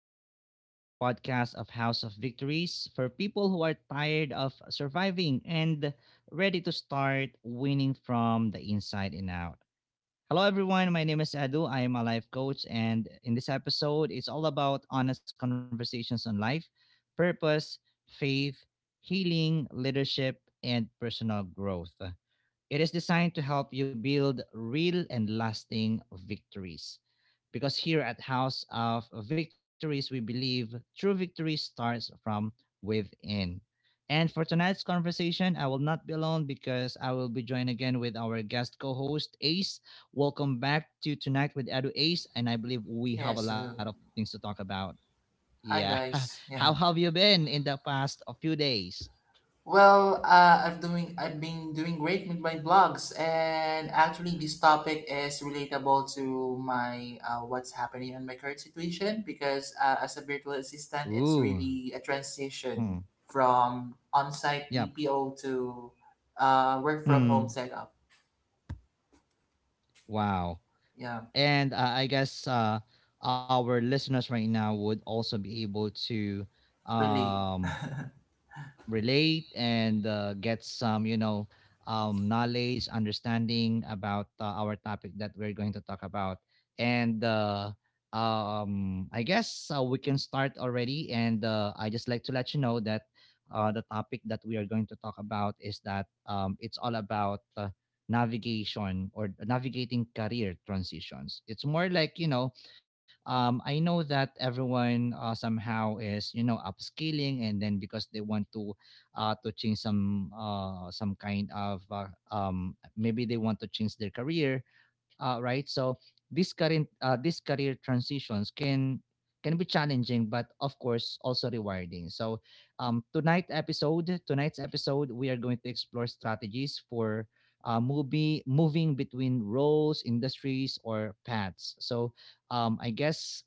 Tonight with Edu, a podcast of House of Victories for people who are tired of surviving and ready to start winning from the inside and out. Hello, everyone. My name is Edu. I am a life coach, and in this episode, it's all about honest conversations on life, purpose, faith, healing, leadership, and personal growth. It is designed to help you build real and lasting victories. Because here at House of Victories, we believe true victory starts from within. And for tonight's conversation, I will not be alone because I will be joined again with our guest co host, Ace. Welcome back to Tonight with Edu Ace. And I believe we Yes, have hello. a lot of things to talk about. Hi Yeah. guys. Yeah. How have you been in the past few days? Well, I've been doing great with my blogs, and actually this topic is relatable to my what's happening in my current situation because as a virtual assistant, Ooh. it's really a Hmm. transition from on-site Yep. BPO to work from home Hmm. setup. Wow. Yeah, and I guess our listeners right now would also be able to really. um, relate and get some knowledge, understanding about our topic that we're going to talk about. And I guess we can start already. And I just like to let you know that the topic that we are going to talk about is that it's all about navigation or navigating career transitions. It's more like, I know that everyone somehow is you know upscaling, and then because they want to change some kind of maybe they want to change their career, right? So these career transitions can be challenging, but of course also rewarding. So tonight's episode we are going to explore strategies for movie moving between roles, industries, or paths. So I guess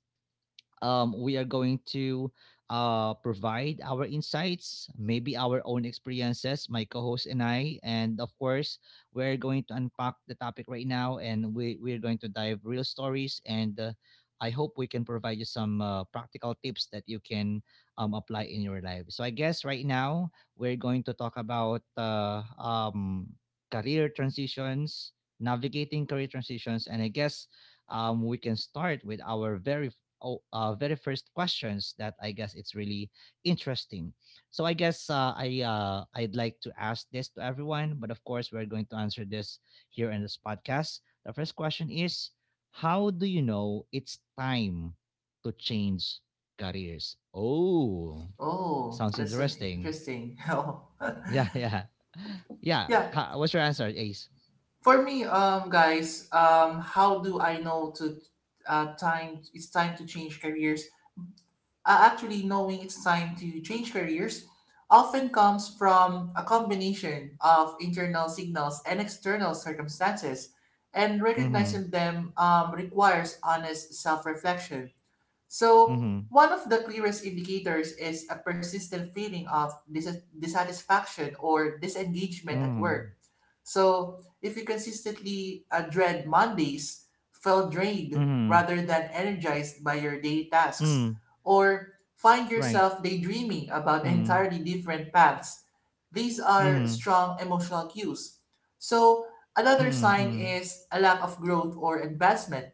we are going to provide our insights, maybe our own experiences, my co host and I. And of course, we're going to unpack the topic right now and we're going to dive real stories. And I hope we can provide you some practical tips that you can apply in your life. So, I guess right now we're going to talk about career transitions, navigating career transitions. And I guess we can start with our very first questions that I guess it's really interesting. So I guess I'd like to ask this to everyone, but of course we're going to answer this here in this podcast. The first question is, how do you know it's time to change careers? Oh, Oh, sounds that's an interesting. interesting. Yeah, yeah, yeah. yeah, What's your answer, Ace? For me, guys, how do I know to time it's time to change careers? Actually, knowing it's time to change careers often comes from a combination of internal signals and external circumstances, and Mm-hmm. recognizing them requires honest self-reflection. So, Mm-hmm. one of the clearest indicators is a persistent feeling of dissatisfaction or disengagement at work, Mm-hmm. so if you consistently dread Mondays, feel drained Mm-hmm. rather than energized by your day tasks, Mm. or find Right. yourself daydreaming about Mm. entirely different paths, these Mm-hmm. are Mm-hmm. strong emotional cues. So another sign Mm-hmm. is a lack of growth or advancement.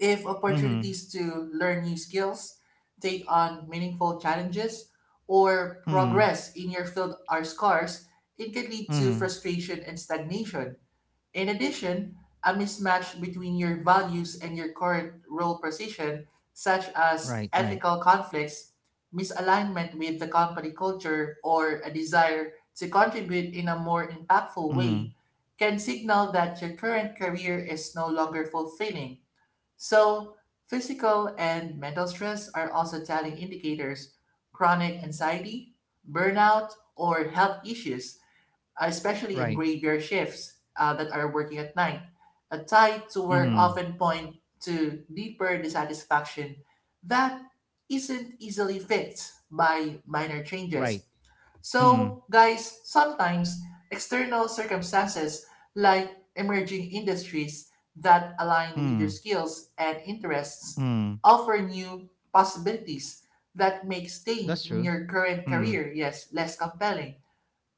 If Mhm. opportunities to learn new skills, take on meaningful challenges, or Mhm. progress in your field are scarce, it can lead to Mhm. frustration and stagnation. In addition, a mismatch between your values and your current role position, such as Right, right. ethical conflicts, misalignment with the company culture, or a desire to contribute in a more impactful Mhm. way, can signal that your current career is no longer fulfilling. So, physical and mental stress are also telling indicators: chronic anxiety, burnout, or health issues, especially in Right. graveyard shifts that are working at night. A tie to work Mhm. often point to deeper dissatisfaction that isn't easily fixed by minor Right. changes. Mhm. So, guys, sometimes external circumstances like emerging industries that align with your Mhm. skills and interests Mhm. offer new possibilities that make staying That's in true. your current Mhm. career, yes, less compelling.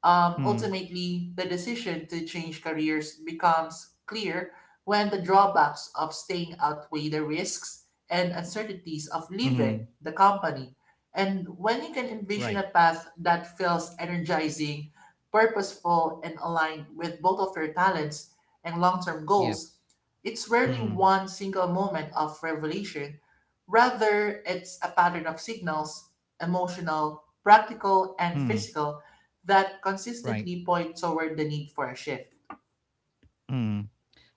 Mhm. Ultimately, the decision to change careers becomes clear when the drawbacks of staying outweigh the risks and uncertainties of Mhm. leaving the company. And when you can Right. envision a path that feels energizing, purposeful, and aligned with both of your talents and long term Yep. goals, it's rarely Mhm. one single moment of revelation. Rather, it's a pattern of signals, emotional, practical, and Mhm. physical, that Right. consistently point toward the need for a shift. Mhm.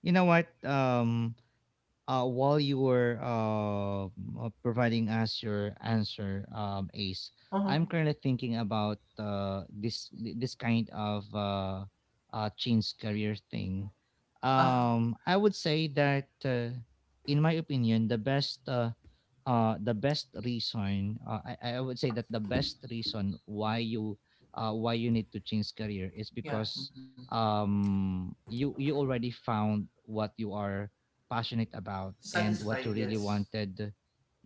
You know what? While you were providing us your answer, Ace, Uh-huh. I'm currently thinking about this kind of change career thing. Ah. I would say that, in my opinion, the best reason I would say that the best reason why you need to change career is Yeah. because Mhm. you already found what you are passionate about and Satisfied, what you really yes. wanted,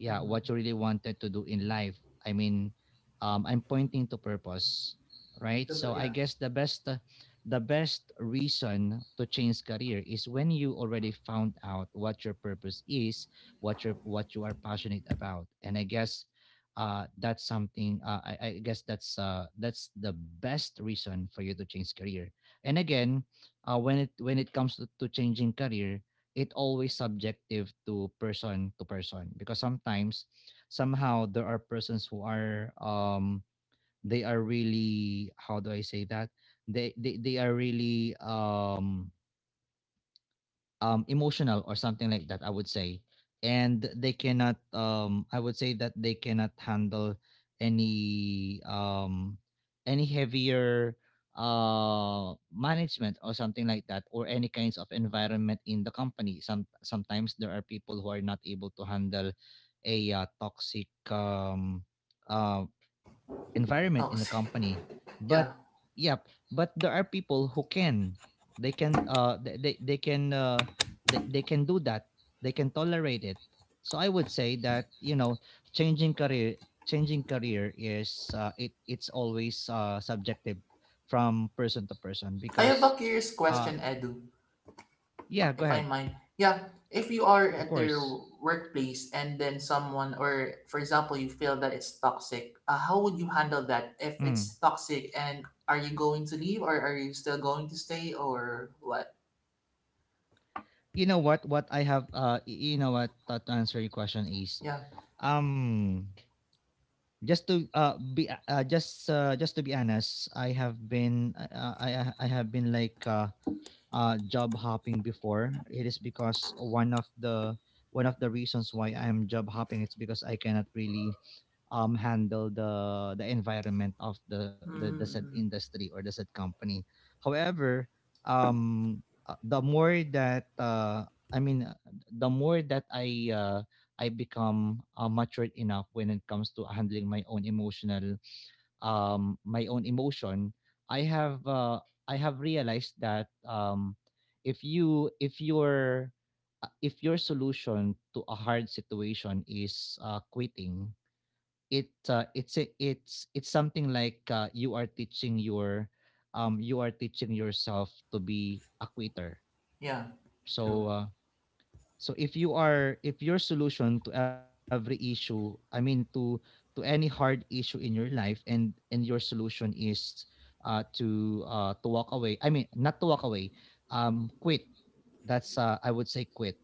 yeah, what you really wanted to do in life. I mean, I'm pointing to purpose, right? Diba, So yeah. I guess the best reason to change career is when you already found out what your purpose is, what your what you are passionate about. And I guess I guess that's the best reason for you to change career. And again, when it comes to changing career, it always subjective to person because sometimes somehow there are persons who are they are really how do I say that, they are really emotional or something like that, I would say, and they cannot I would say that they cannot handle any um any heavier management or something like that, or any kinds of environment in the company. Sometimes there are people who are not able to handle a toxic uh, environment in the Toxic. company. yeah. But yep, but there are people who can. They can they can they can do that. They can tolerate it. So I would say that, you know, changing career changing career is it's always subjective from person to person I have a because curious uh question, Edu, yeah, go if I ahead. mind. Yeah. If you are Of at their course. workplace and then someone, or for example, you feel that it's toxic, how would you handle that Mm. if it's toxic? And are you going to leave, or are you still going to stay, or what? You know what I have y- You know what, to answer your question is, Yeah. um just to be just to be honest, I have been like, uh job hopping before. It is because one of the reasons why I am job hopping it's because I cannot really handle the environment of the said Mm. industry or the said company. However, um, the more that I mean, the more that I become matured enough when it comes to handling my own emotion, I have uh, I have realized that if you if your solution to a hard situation is quitting, it's something like you are teaching yourself to be a quitter. Yeah. True. So so if you are if your solution to every issue, I mean to any hard issue in your life, and your solution is to walk away I mean not to walk away quit, that's I would say quit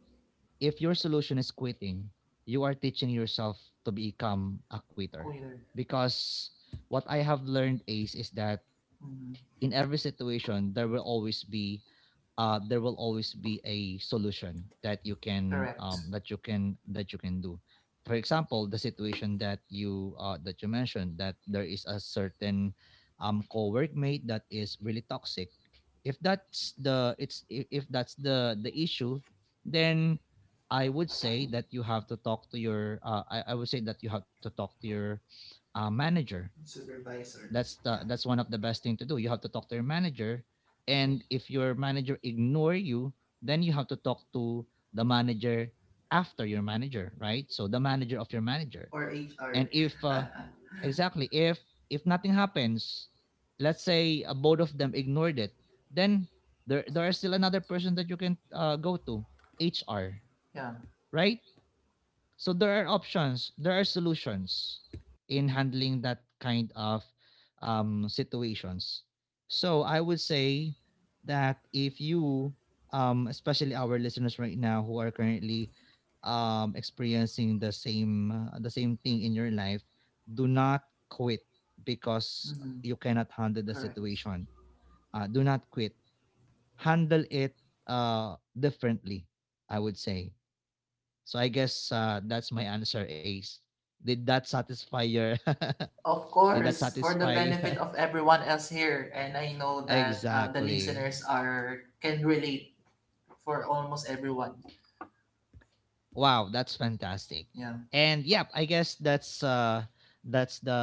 if your solution is quitting, you are teaching yourself to become a quitter. Either. Because what I have learned, Ace, is that Mm-hmm. in every situation, there will always be there will always be a solution that you can Correct. that you can that you can do. For example, the situation that you mentioned that there is a certain co-workmate that is really toxic. If that's the it's if that's the issue, then I would say that you have to talk to your I would say that you have to talk to your manager. Supervisor. That's the Yeah. that's one of the best thing to do. You have to talk to your manager, and if your manager ignore you, then you have to talk to the manager after your manager, right? So the manager of your manager. Or And HR. if exactly if nothing happens, let's say both of them ignored it, then there is still another person that you can go to, HR, Yeah. right? So there are options, there are solutions in handling that kind of situations. So I would say that if you, especially our listeners right now who are currently experiencing the same thing in your life, do not quit because Mm-hmm. you cannot handle the Correct. situation. Do not quit. Handle it differently, I would say. So I guess that's my answer, Ace. Did that satisfy your? Of Did that course, for the satisfy? benefit of everyone else here, and I know that the Exactly. listeners are can relate for almost everyone. Wow, that's fantastic. Yeah. And yep, I guess that's the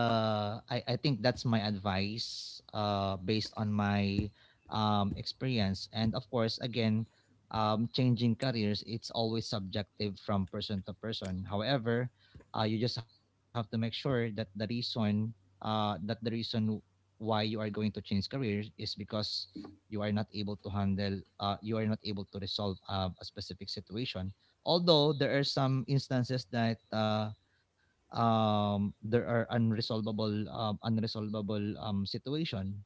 I think that's my advice based on my experience. And of course again, changing careers it's always subjective from person to person. However, you just have to make sure that the reason uh that the reason why you are going to change careers is because you are not able to handle you are not able to resolve a specific situation, although there are some instances that there are unresolvable situation,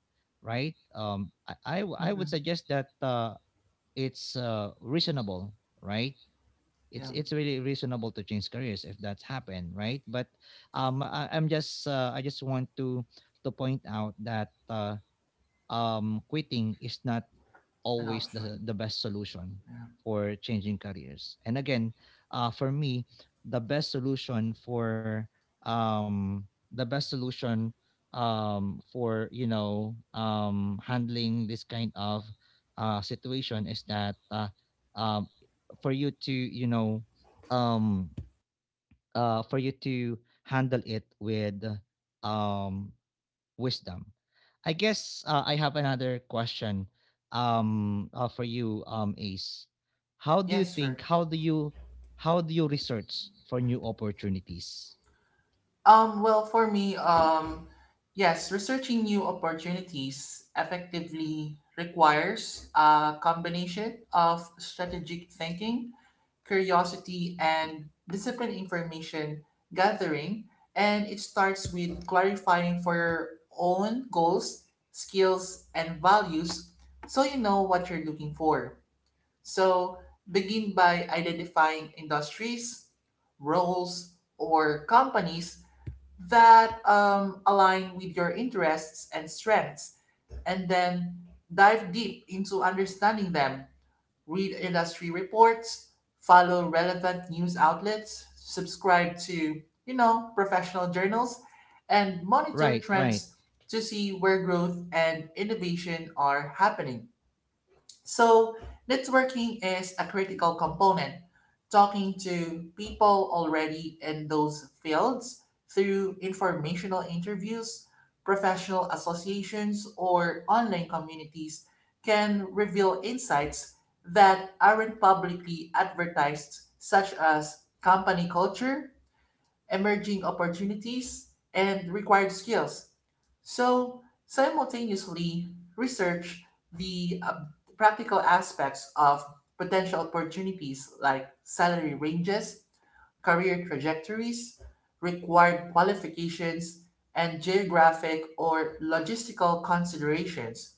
right? I would Mm-hmm. suggest that it's reasonable, right? Yeah. It's really reasonable to change careers if that's happened, right? But I just want to point out that quitting is not An always the, option. the best solution Yeah. for changing careers. And again, for me, the best solution for um, the best solution for you know, handling this kind of situation is that um, for you to you know um, for you to handle it with um, wisdom. I guess I have another question for you, Ace. How do you Yes, think sir. how do you How do you research for new opportunities? Well, for me, yes, researching new opportunities effectively requires a combination of strategic thinking, curiosity, and disciplined information gathering. And it starts with clarifying for your own goals, skills, and values so you know what you're looking for. So begin by identifying industries, roles, or companies that align with your interests and strengths, and then dive deep into understanding them, read industry reports, follow relevant news outlets, subscribe to, you know, professional journals, and monitor Right, right. trends to see where growth and innovation are happening. So, networking is a critical component, talking to people already in those fields through informational interviews, professional associations, or online communities can reveal insights that aren't publicly advertised, such as company culture, emerging opportunities, and required skills. So, simultaneously, research the practical aspects of potential opportunities like salary ranges, career trajectories, required qualifications, and geographic or logistical considerations.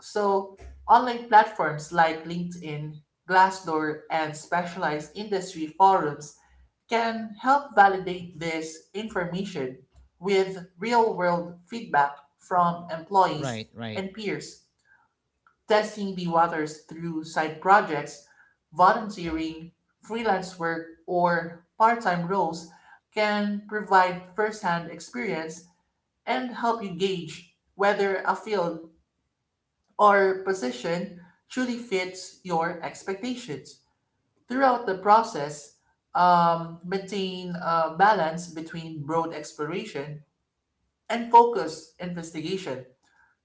So, online platforms like LinkedIn, Glassdoor, and specialized industry forums can help validate this information with real world feedback from Mm. employees Right, right. and peers, testing the waters through side projects, volunteering, freelance work, or part time roles can provide first hand experience and help you gauge whether a field or position truly fits your expectations. Throughout the process, maintain a balance between broad exploration and focused investigation.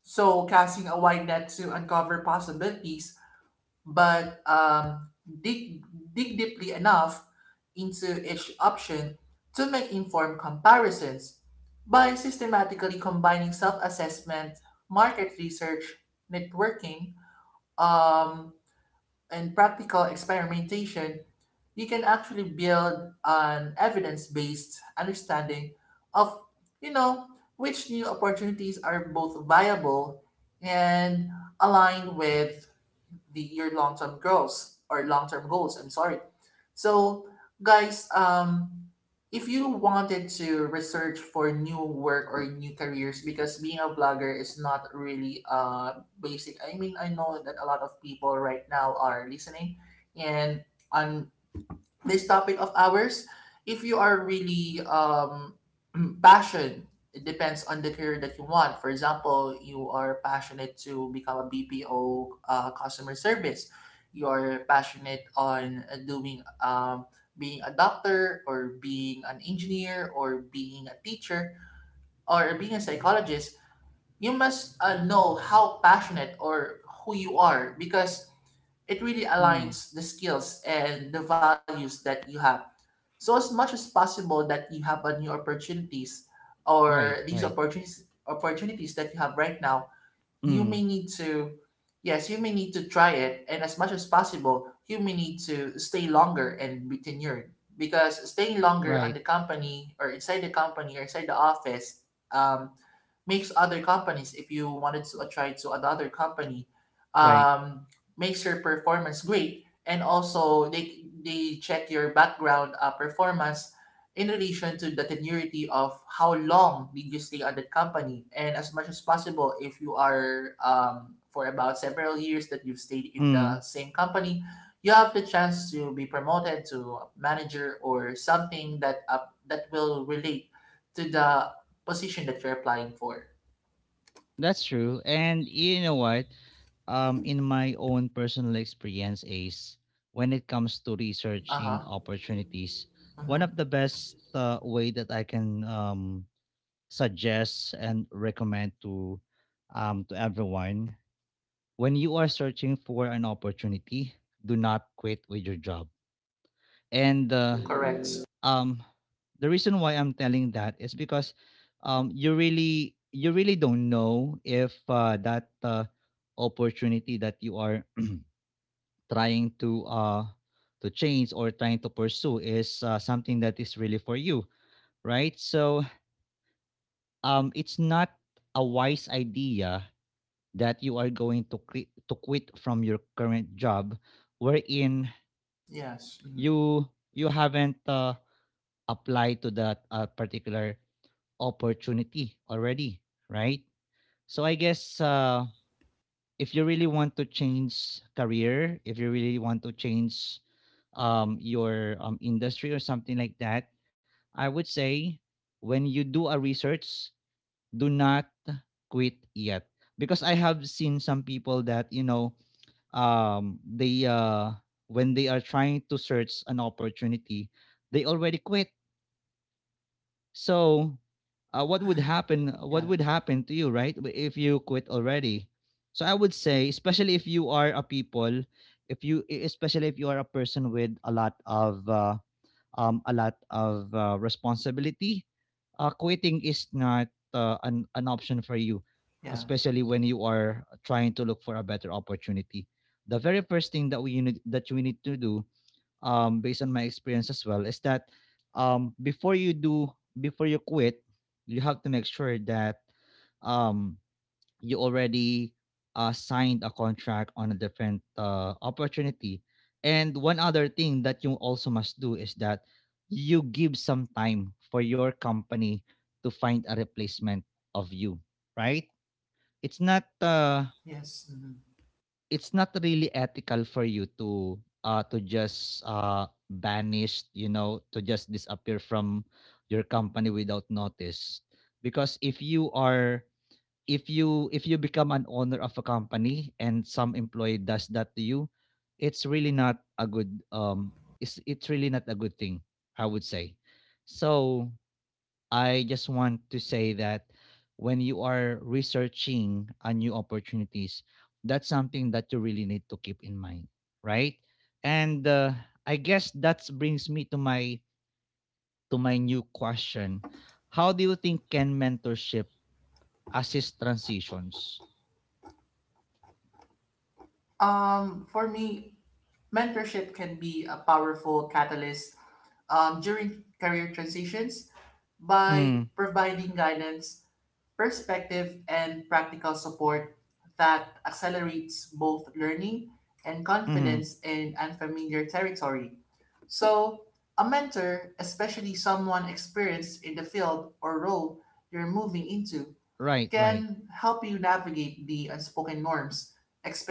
So, casting a wide net to uncover possibilities, but dig deeply enough into each option to make informed comparisons. By systematically combining self assessment, market research, networking, um, and practical experimentation, you can actually build an evidence-based understanding of, you know, which new opportunities are both viable and aligned with the your long-term goals or long-term goals, I'm sorry. So guys, if you wanted to research for new work or new careers, because being a blogger is not really basic, I mean, I know that a lot of people right now are listening and on this topic of ours, if you are really passionate, it depends on the career that you want. For example, you are passionate to become a BPO customer service, you're passionate on doing being a doctor or being an engineer or being a teacher or being a psychologist, you must know how passionate or who you are, because it really Mm. aligns the skills and the values that you have. So as much as possible that you have a new opportunities or Right, these right. opportunities that you have right now, you Mm. may need to, yes, you may need to try it, and as much as possible, you may need to stay longer and be tenured. Because staying longer on Right, the company or inside the company or inside the office, um, makes other companies if you wanted to try to another company, right. um, makes your performance great, and also they check your background performance in relation to the tenuity of how long did you stay at that company, and as much as possible if you are for about several years that you've stayed in the Mm. same company, you have the chance to be promoted to a manager or something that that will relate to the position that you're applying for. That's true. And you know what? In my own personal experience is when it comes to Uh researching huh. opportunities, Uh one huh. of the best way that I can suggest and recommend to everyone when you are searching for an opportunity, do not quit with your job. And Correct. um, the reason why I'm telling that is because you really don't know if that opportunity that you are trying to change or trying to pursue is something that is really for you, right? So it's not a wise idea that you are going to quit from your current job, wherein Yes. Mhm. you you haven't applied to that particular opportunity already, right? So I guess if you really want to change career, if you really want to change your industry or something like that, I would say when you do a research, do not quit yet because I have seen some people that you know they when they are trying to search an opportunity, they already quit. So, what would happen? What Yeah. would happen to you, right? If you quit already? So I would say, especially if you are a people, if you, e- especially if you are a person with a lot of responsibility, quitting is not an option for you, Yeah. especially when you are trying to look for a better opportunity. The very first thing that you need to do based on my experience as well, is that before you do, before you quit, you have to make sure that um, you already signed a contract on a different opportunity. And one other thing that you also must do is that you give some time for your company to find a replacement of you, right? It's not uh, Yes. Mhm. it's not really ethical for you to just banish, you know, to just disappear from your company without notice because if you become an owner of a company and some employee does that to you, it's really not a good um it's really not a good thing, I would say. So I just want to say that when you are researching a new opportunities, that's something that you really need to keep in mind, right? And I guess that brings me to my new question. How do you think can mentorship assist transitions? For me, mentorship can be a powerful catalyst during career transitions by Mm, providing guidance, perspective, and practical support that accelerates both learning and mm-hmm. confidence in unfamiliar territory. So, a mentor, especially someone experienced in the field or role you're moving into, Right, right. can help you navigate the unspoken norms,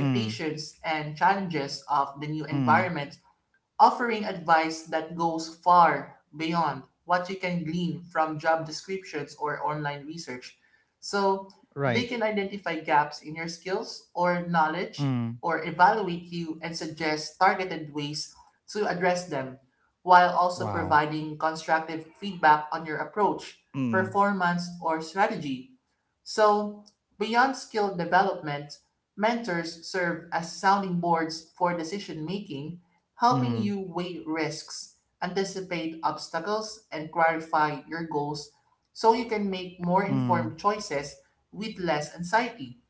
Mm, and challenges of the new mm, environment, offering advice that goes far beyond what you can glean from job descriptions or online research. So they right. can identify gaps in your skills or knowledge Mm, or evaluate you and suggest targeted ways to address them, while also wow. providing constructive feedback on your approach, Mm, performance, or strategy. So, beyond skill development, mentors serve as sounding boards for decision making, helping mm, you weigh risks, anticipate obstacles, and clarify your goals so you can make more mm, informed choices with less anxiety.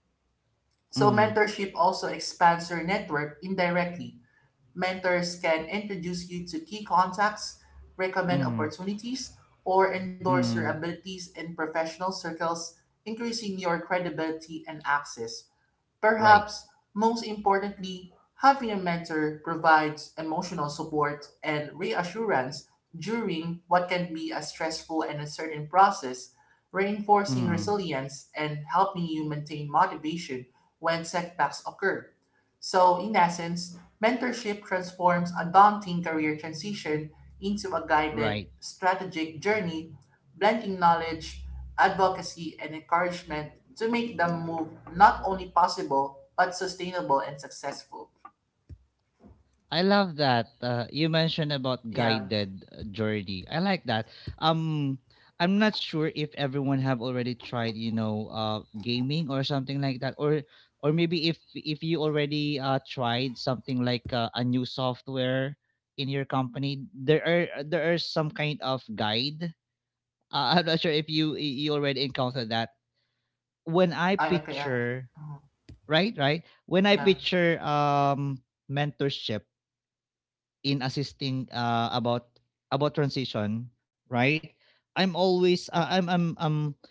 So, mm, mentorship also expands your network indirectly. Mentors can introduce you to key contacts, recommend mm, opportunities, or endorse your mm. abilities in professional circles, increasing your credibility and access. Right. Perhaps most importantly, having a mentor provides emotional support and reassurance during what can be a stressful and uncertain process, reinforcing Mm, resilience and helping you maintain motivation when setbacks occur. So, in essence, mentorship transforms a daunting career transition into a guided, right. strategic journey, blending knowledge, advocacy, and encouragement to make the move not only possible but sustainable and successful. I love that. You mentioned about Yeah, guided journey. I like that. Um, I'm not sure if everyone have already tried, you know, gaming or something like that, or maybe if you already tried something like a new software in your company, there are some kind of guide. I'm not sure if you already encountered that. When I I okay. Yeah. picture Mhm. right, right, when I Yeah, picture mentorship in assisting about transition, right? I'm always I'm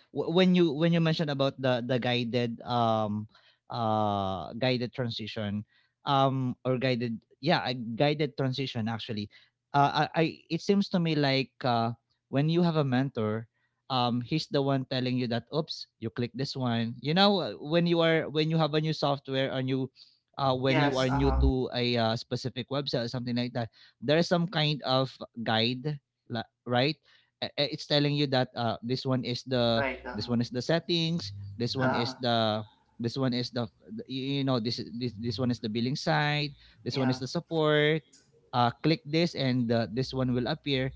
when you mentioned about the guided guided transition or guided yeah a guided transition actually, I it seems to me like when you have a mentor, he's the one telling you that, oops, you click this one, you know. When you are when you have a new software, a new when you are yes. Uh new huh. to a specific website or something like that, there is some kind of guide, right? It's telling you that Right. Uh this huh. one is the settings, this one is Uh, the you know, this one is the billing side, this one is yeah. the support. Click this and this one will appear.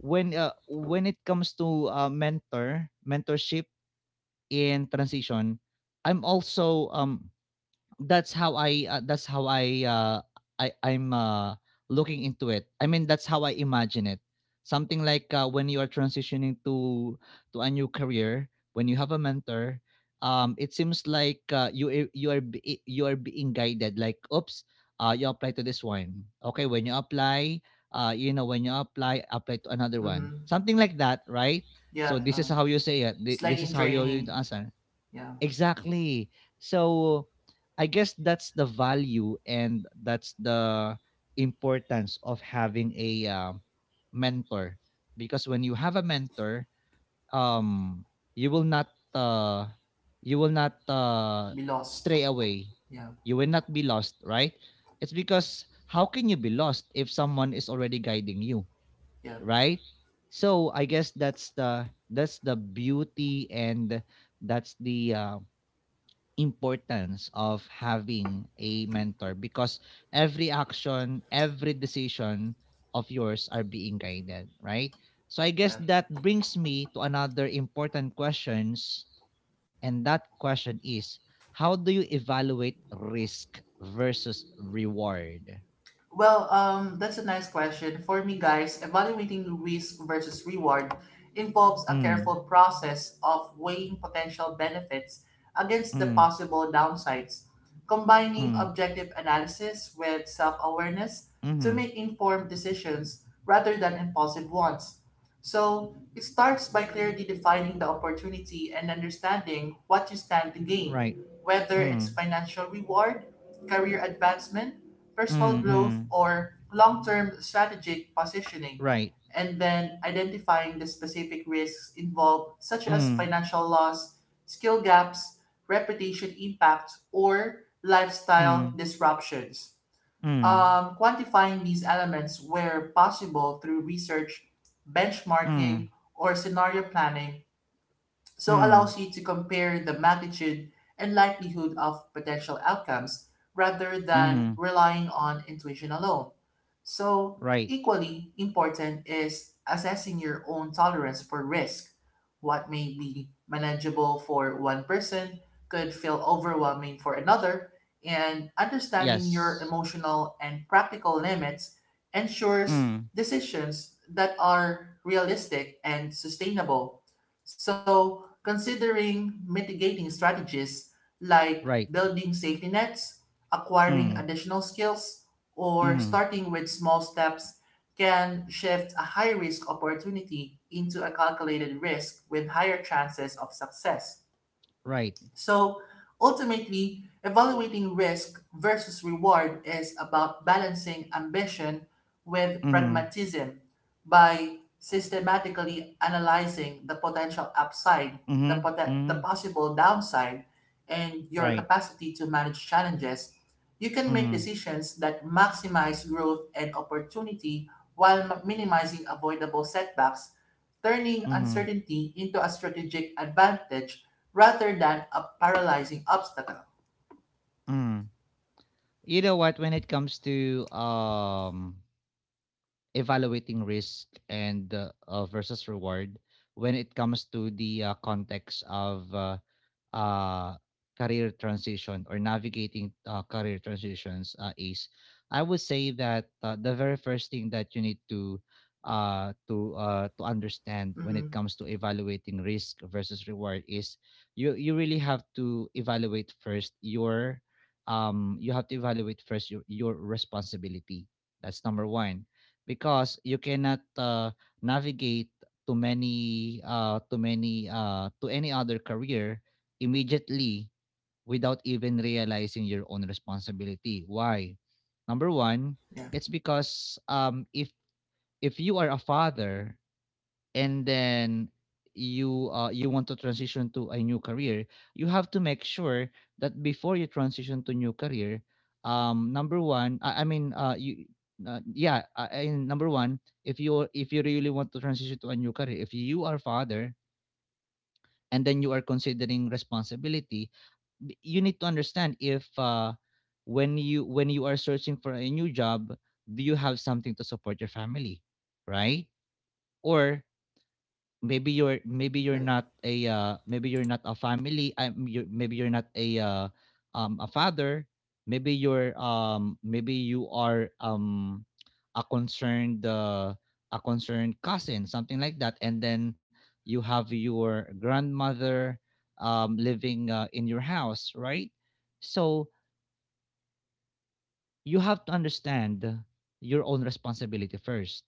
When it comes to mentorship in transition, I'm also that's how I I'm looking into it. I mean, that's how I imagine it. Something like when you are transitioning to a new career, when you have a mentor, it seems like you are being guided like, oops, you apply to this one. Okay, when you apply, when you apply, apply to another one. Mm-hmm. Something like that, right? So Yeah. this is how you say it. It's like This is in how you training. answer. Yeah, Exactly. So I guess that's the value and that's the importance of having a mentor because when you have a mentor, um you will not uh you will not be lost. stray away. Yeah, You will not be lost, right? It's because how can you be lost if someone is already guiding you, yeah, right? So I guess that's the beauty and that's the importance of having a mentor because every action, every decision of yours are being guided, right? So I guess yeah. that brings me to another important questions, and that question is, how do you evaluate risk versus reward? Well, that's a nice question. For me, guys, evaluating risk versus reward involves a Mm, careful process of weighing potential benefits against the mm, possible downsides, combining mm, objective analysis with self awareness to mm, make informed decisions rather than impulsive ones. So, it starts by clearly defining the opportunity and understanding what you stand to right. gain, whether it's Mm, financial reward, career advancement, personal mm, growth mm, or long-term strategic positioning, right. and then identifying the specific risks involved, such as Mm, financial loss, skill gaps, reputation impact, or lifestyle mm, disruptions. mm, Quantifying these elements where possible through research, mm, benchmarking, or scenario planning so mm, allows you to compare the magnitude and likelihood of potential outcomes rather than mm, relying on intuition alone. So, right. equally important is assessing your own tolerance for risk. What may be manageable for one person could feel overwhelming for another, and understanding your Yes. emotional and practical limits ensures Mm. decisions that are realistic and sustainable. So, considering mitigating strategies like Right. building safety nets, acquiring Mm. additional skills, or Mhm. starting with small steps can shift a high risk opportunity into a calculated risk with higher chances of success. Right. So ultimately, evaluating risk versus reward is about balancing ambition with Mhm. pragmatism. By systematically analyzing the potential upside, Mhm. The Mhm. possible downside, and your Right. capacity to manage challenges, you can make Mhm. decisions that maximize growth and opportunity while minimizing avoidable setbacks, turning Mhm. uncertainty into a strategic advantage rather than a paralyzing obstacle. Mhm. You know what? When it comes to evaluating risk and versus reward, when it comes to the context of uh, career transition or navigating career transitions is, I would say that the very first thing that you need to to understand when it Mm, comes to evaluating risk versus reward is, you really have to evaluate first your you have to evaluate first your responsibility. That's number one, because you cannot navigate to many to any other career immediately without even realizing your own responsibility. Why number one? yeah, It's because if you are a father and then you you want to transition to a new career, you have to make sure that before you transition to new career, number one I mean you yeah and number one, if you really want to transition to a new career, if you are father, and then you are considering responsibility, you need to understand if when you when you are searching for a new job, do you have something to support your family, right? Or maybe you're, right. Maybe you're not a family, you maybe you're not a a father, maybe you're, maybe you are, a concerned uh, a concerned cousin, something like that, and then you have your grandmother living in your house, right? So you have to understand your own responsibility first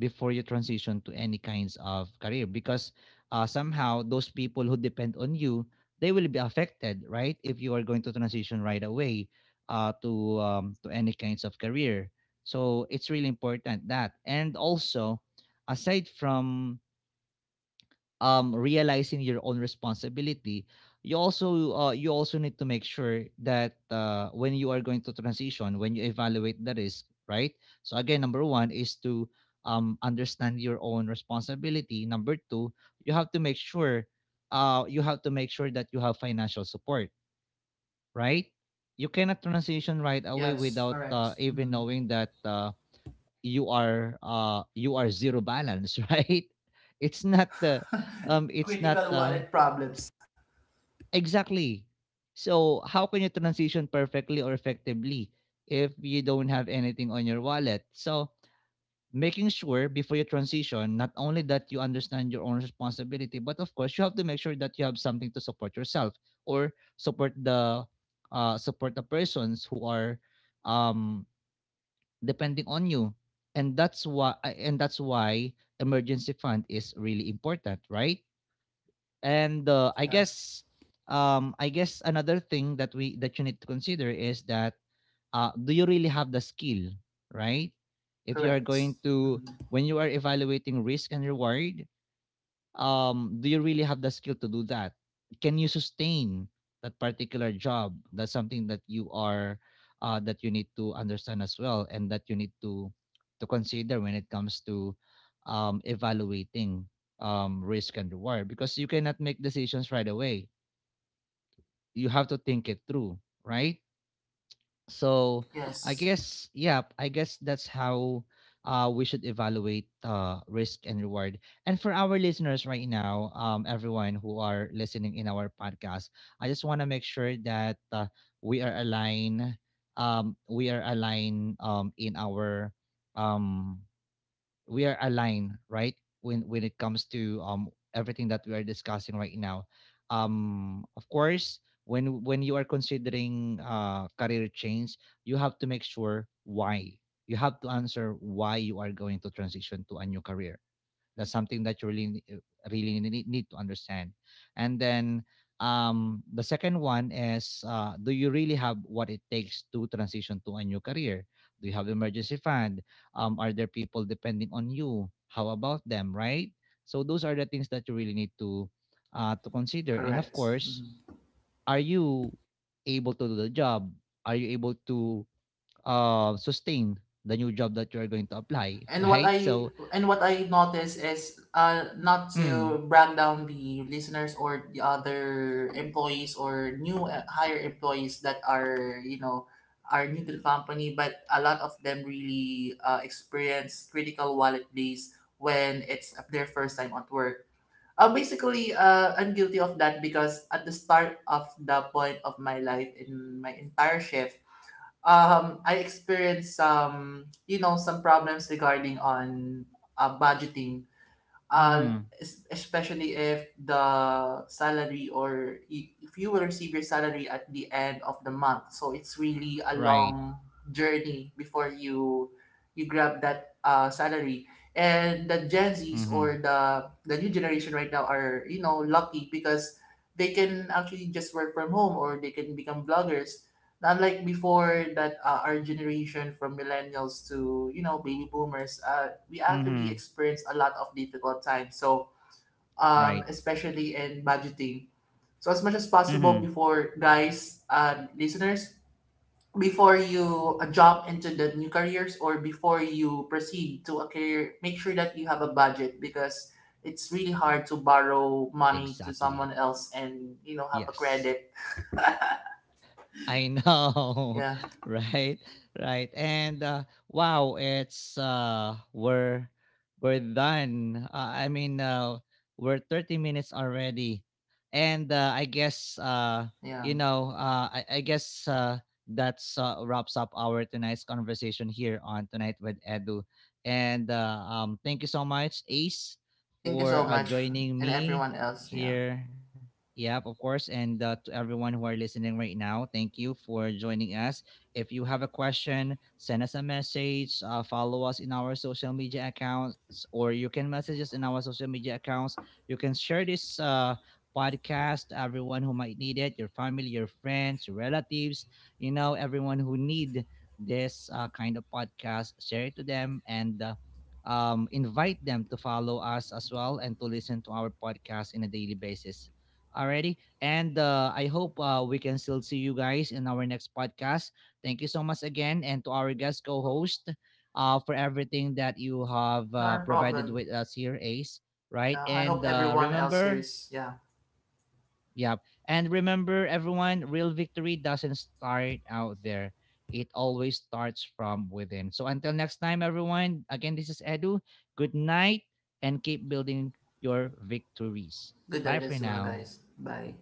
before you transition to any kinds of career, because somehow those people who depend on you, they will be affected, right, if you are going to transition right away to to any kinds of career. So it's really important that, and also, aside from realizing your own responsibility, you also need to make sure that when you are going to transition, when you evaluate the risk, right? So again, number one is to understand your own responsibility. Number two, you have to make sure you have to make sure that you have financial support, right? You cannot transition right away Yes, without correct. Even Mm. knowing that you are zero balance right? It's not the it's not Critical wallet problems. exactly. So how can you transition perfectly or effectively if you don't have anything on your wallet? So making sure before you transition, not only that you understand your own responsibility, but of course you have to make sure that you have something to support yourself or support the persons who are um depending on you. And that's why emergency fund is really important, right? And Yeah, I guess another thing that you need to consider is that do you really have the skill, right? If you are correct. going to Mm, when you are evaluating risk and reward, do you really have the skill to do that? Can you sustain that particular job? That's something that you are that you need to understand as well, and that you need to consider when it comes to evaluating risk and reward, because you cannot make decisions right away. You have to think it through, right? So I yes, guess, yeah, I guess that's how we should evaluate risk and reward. And for our listeners right now, everyone who are listening in our podcast, I just want to make sure that we are aligned. We are aligned in our um, we are aligned, right? When it comes to everything that we are discussing right now. Um, of course, when you are considering career change, you have to make sure why. You have to answer why you are going to transition to a new career. That's something that you really really need to understand. And then the second one is do you really have what it takes to transition to a new career? Do you have emergency fund? Are there people depending on you? How about them, right? So those are the things that you really need to consider. And of correct. course, Mm. are you able to do the job? Are you able to sustain the new job that you're going to apply, And what right? I So, and what I notice is, not to mm, brag down the listeners or the other employees or new higher employees that are, you know, are new to the company, but a lot of them really experience critical wallet days when it's their first time at work. Basically, I'm guilty of that because at the start of the point of my life in my entire shift, I experienced some, you know, some problems regarding on budgeting, uh mm-hmm, es- especially if the salary or if you will receive your salary at the end of the month, so it's really a right. long journey before you grab that salary. And the Gen Zs or Mhm. The new generation right now are, you know, lucky because they can actually just work from home or they can become vloggers, unlike before that, our generation from millennials to, you know, baby boomers, we actually Mhm. experience a lot of difficult times, so right? especially in budgeting. So as much as possible, Mhm. before, guys, listeners, before you jump into the new careers or before you proceed to a career, make sure that you have a budget, because it's really hard to borrow money to Exactly. someone else and, you know, have a Yes. credit. I know, Yeah. right? Right. And wow, it's we're done. I mean, we're 30 minutes already. And I guess Yeah. you know, I guess that's wraps up our tonight's conversation here on Tonight with Edu. And thank you so much, Ace, Thank you for so much joining and me everyone else. Yeah. here. Yep, of course. And to everyone who are listening right now, thank you for joining us. If you have a question, send us a message, follow us in our social media accounts, or you can message us in our social media accounts. You can share this podcast to everyone who might need it, your family, your friends, your relatives, you know, everyone who need this kind of podcast. Share it to them and invite them to follow us as well and to listen to our podcast in a daily basis. Alrighty. And I hope we can still see you guys in our next podcast. Thank you so much again. And to our guest co host, for everything that you have No provided problem. with us here, Ace. Right. Yeah. I hope And everyone else here remember, is yeah, yeah. And remember, everyone, real victory doesn't start out there, it always starts from within. So until next time, everyone, again, this is Edu. Good night and keep building your victories. good Bye night for as well, now. guys. Bye.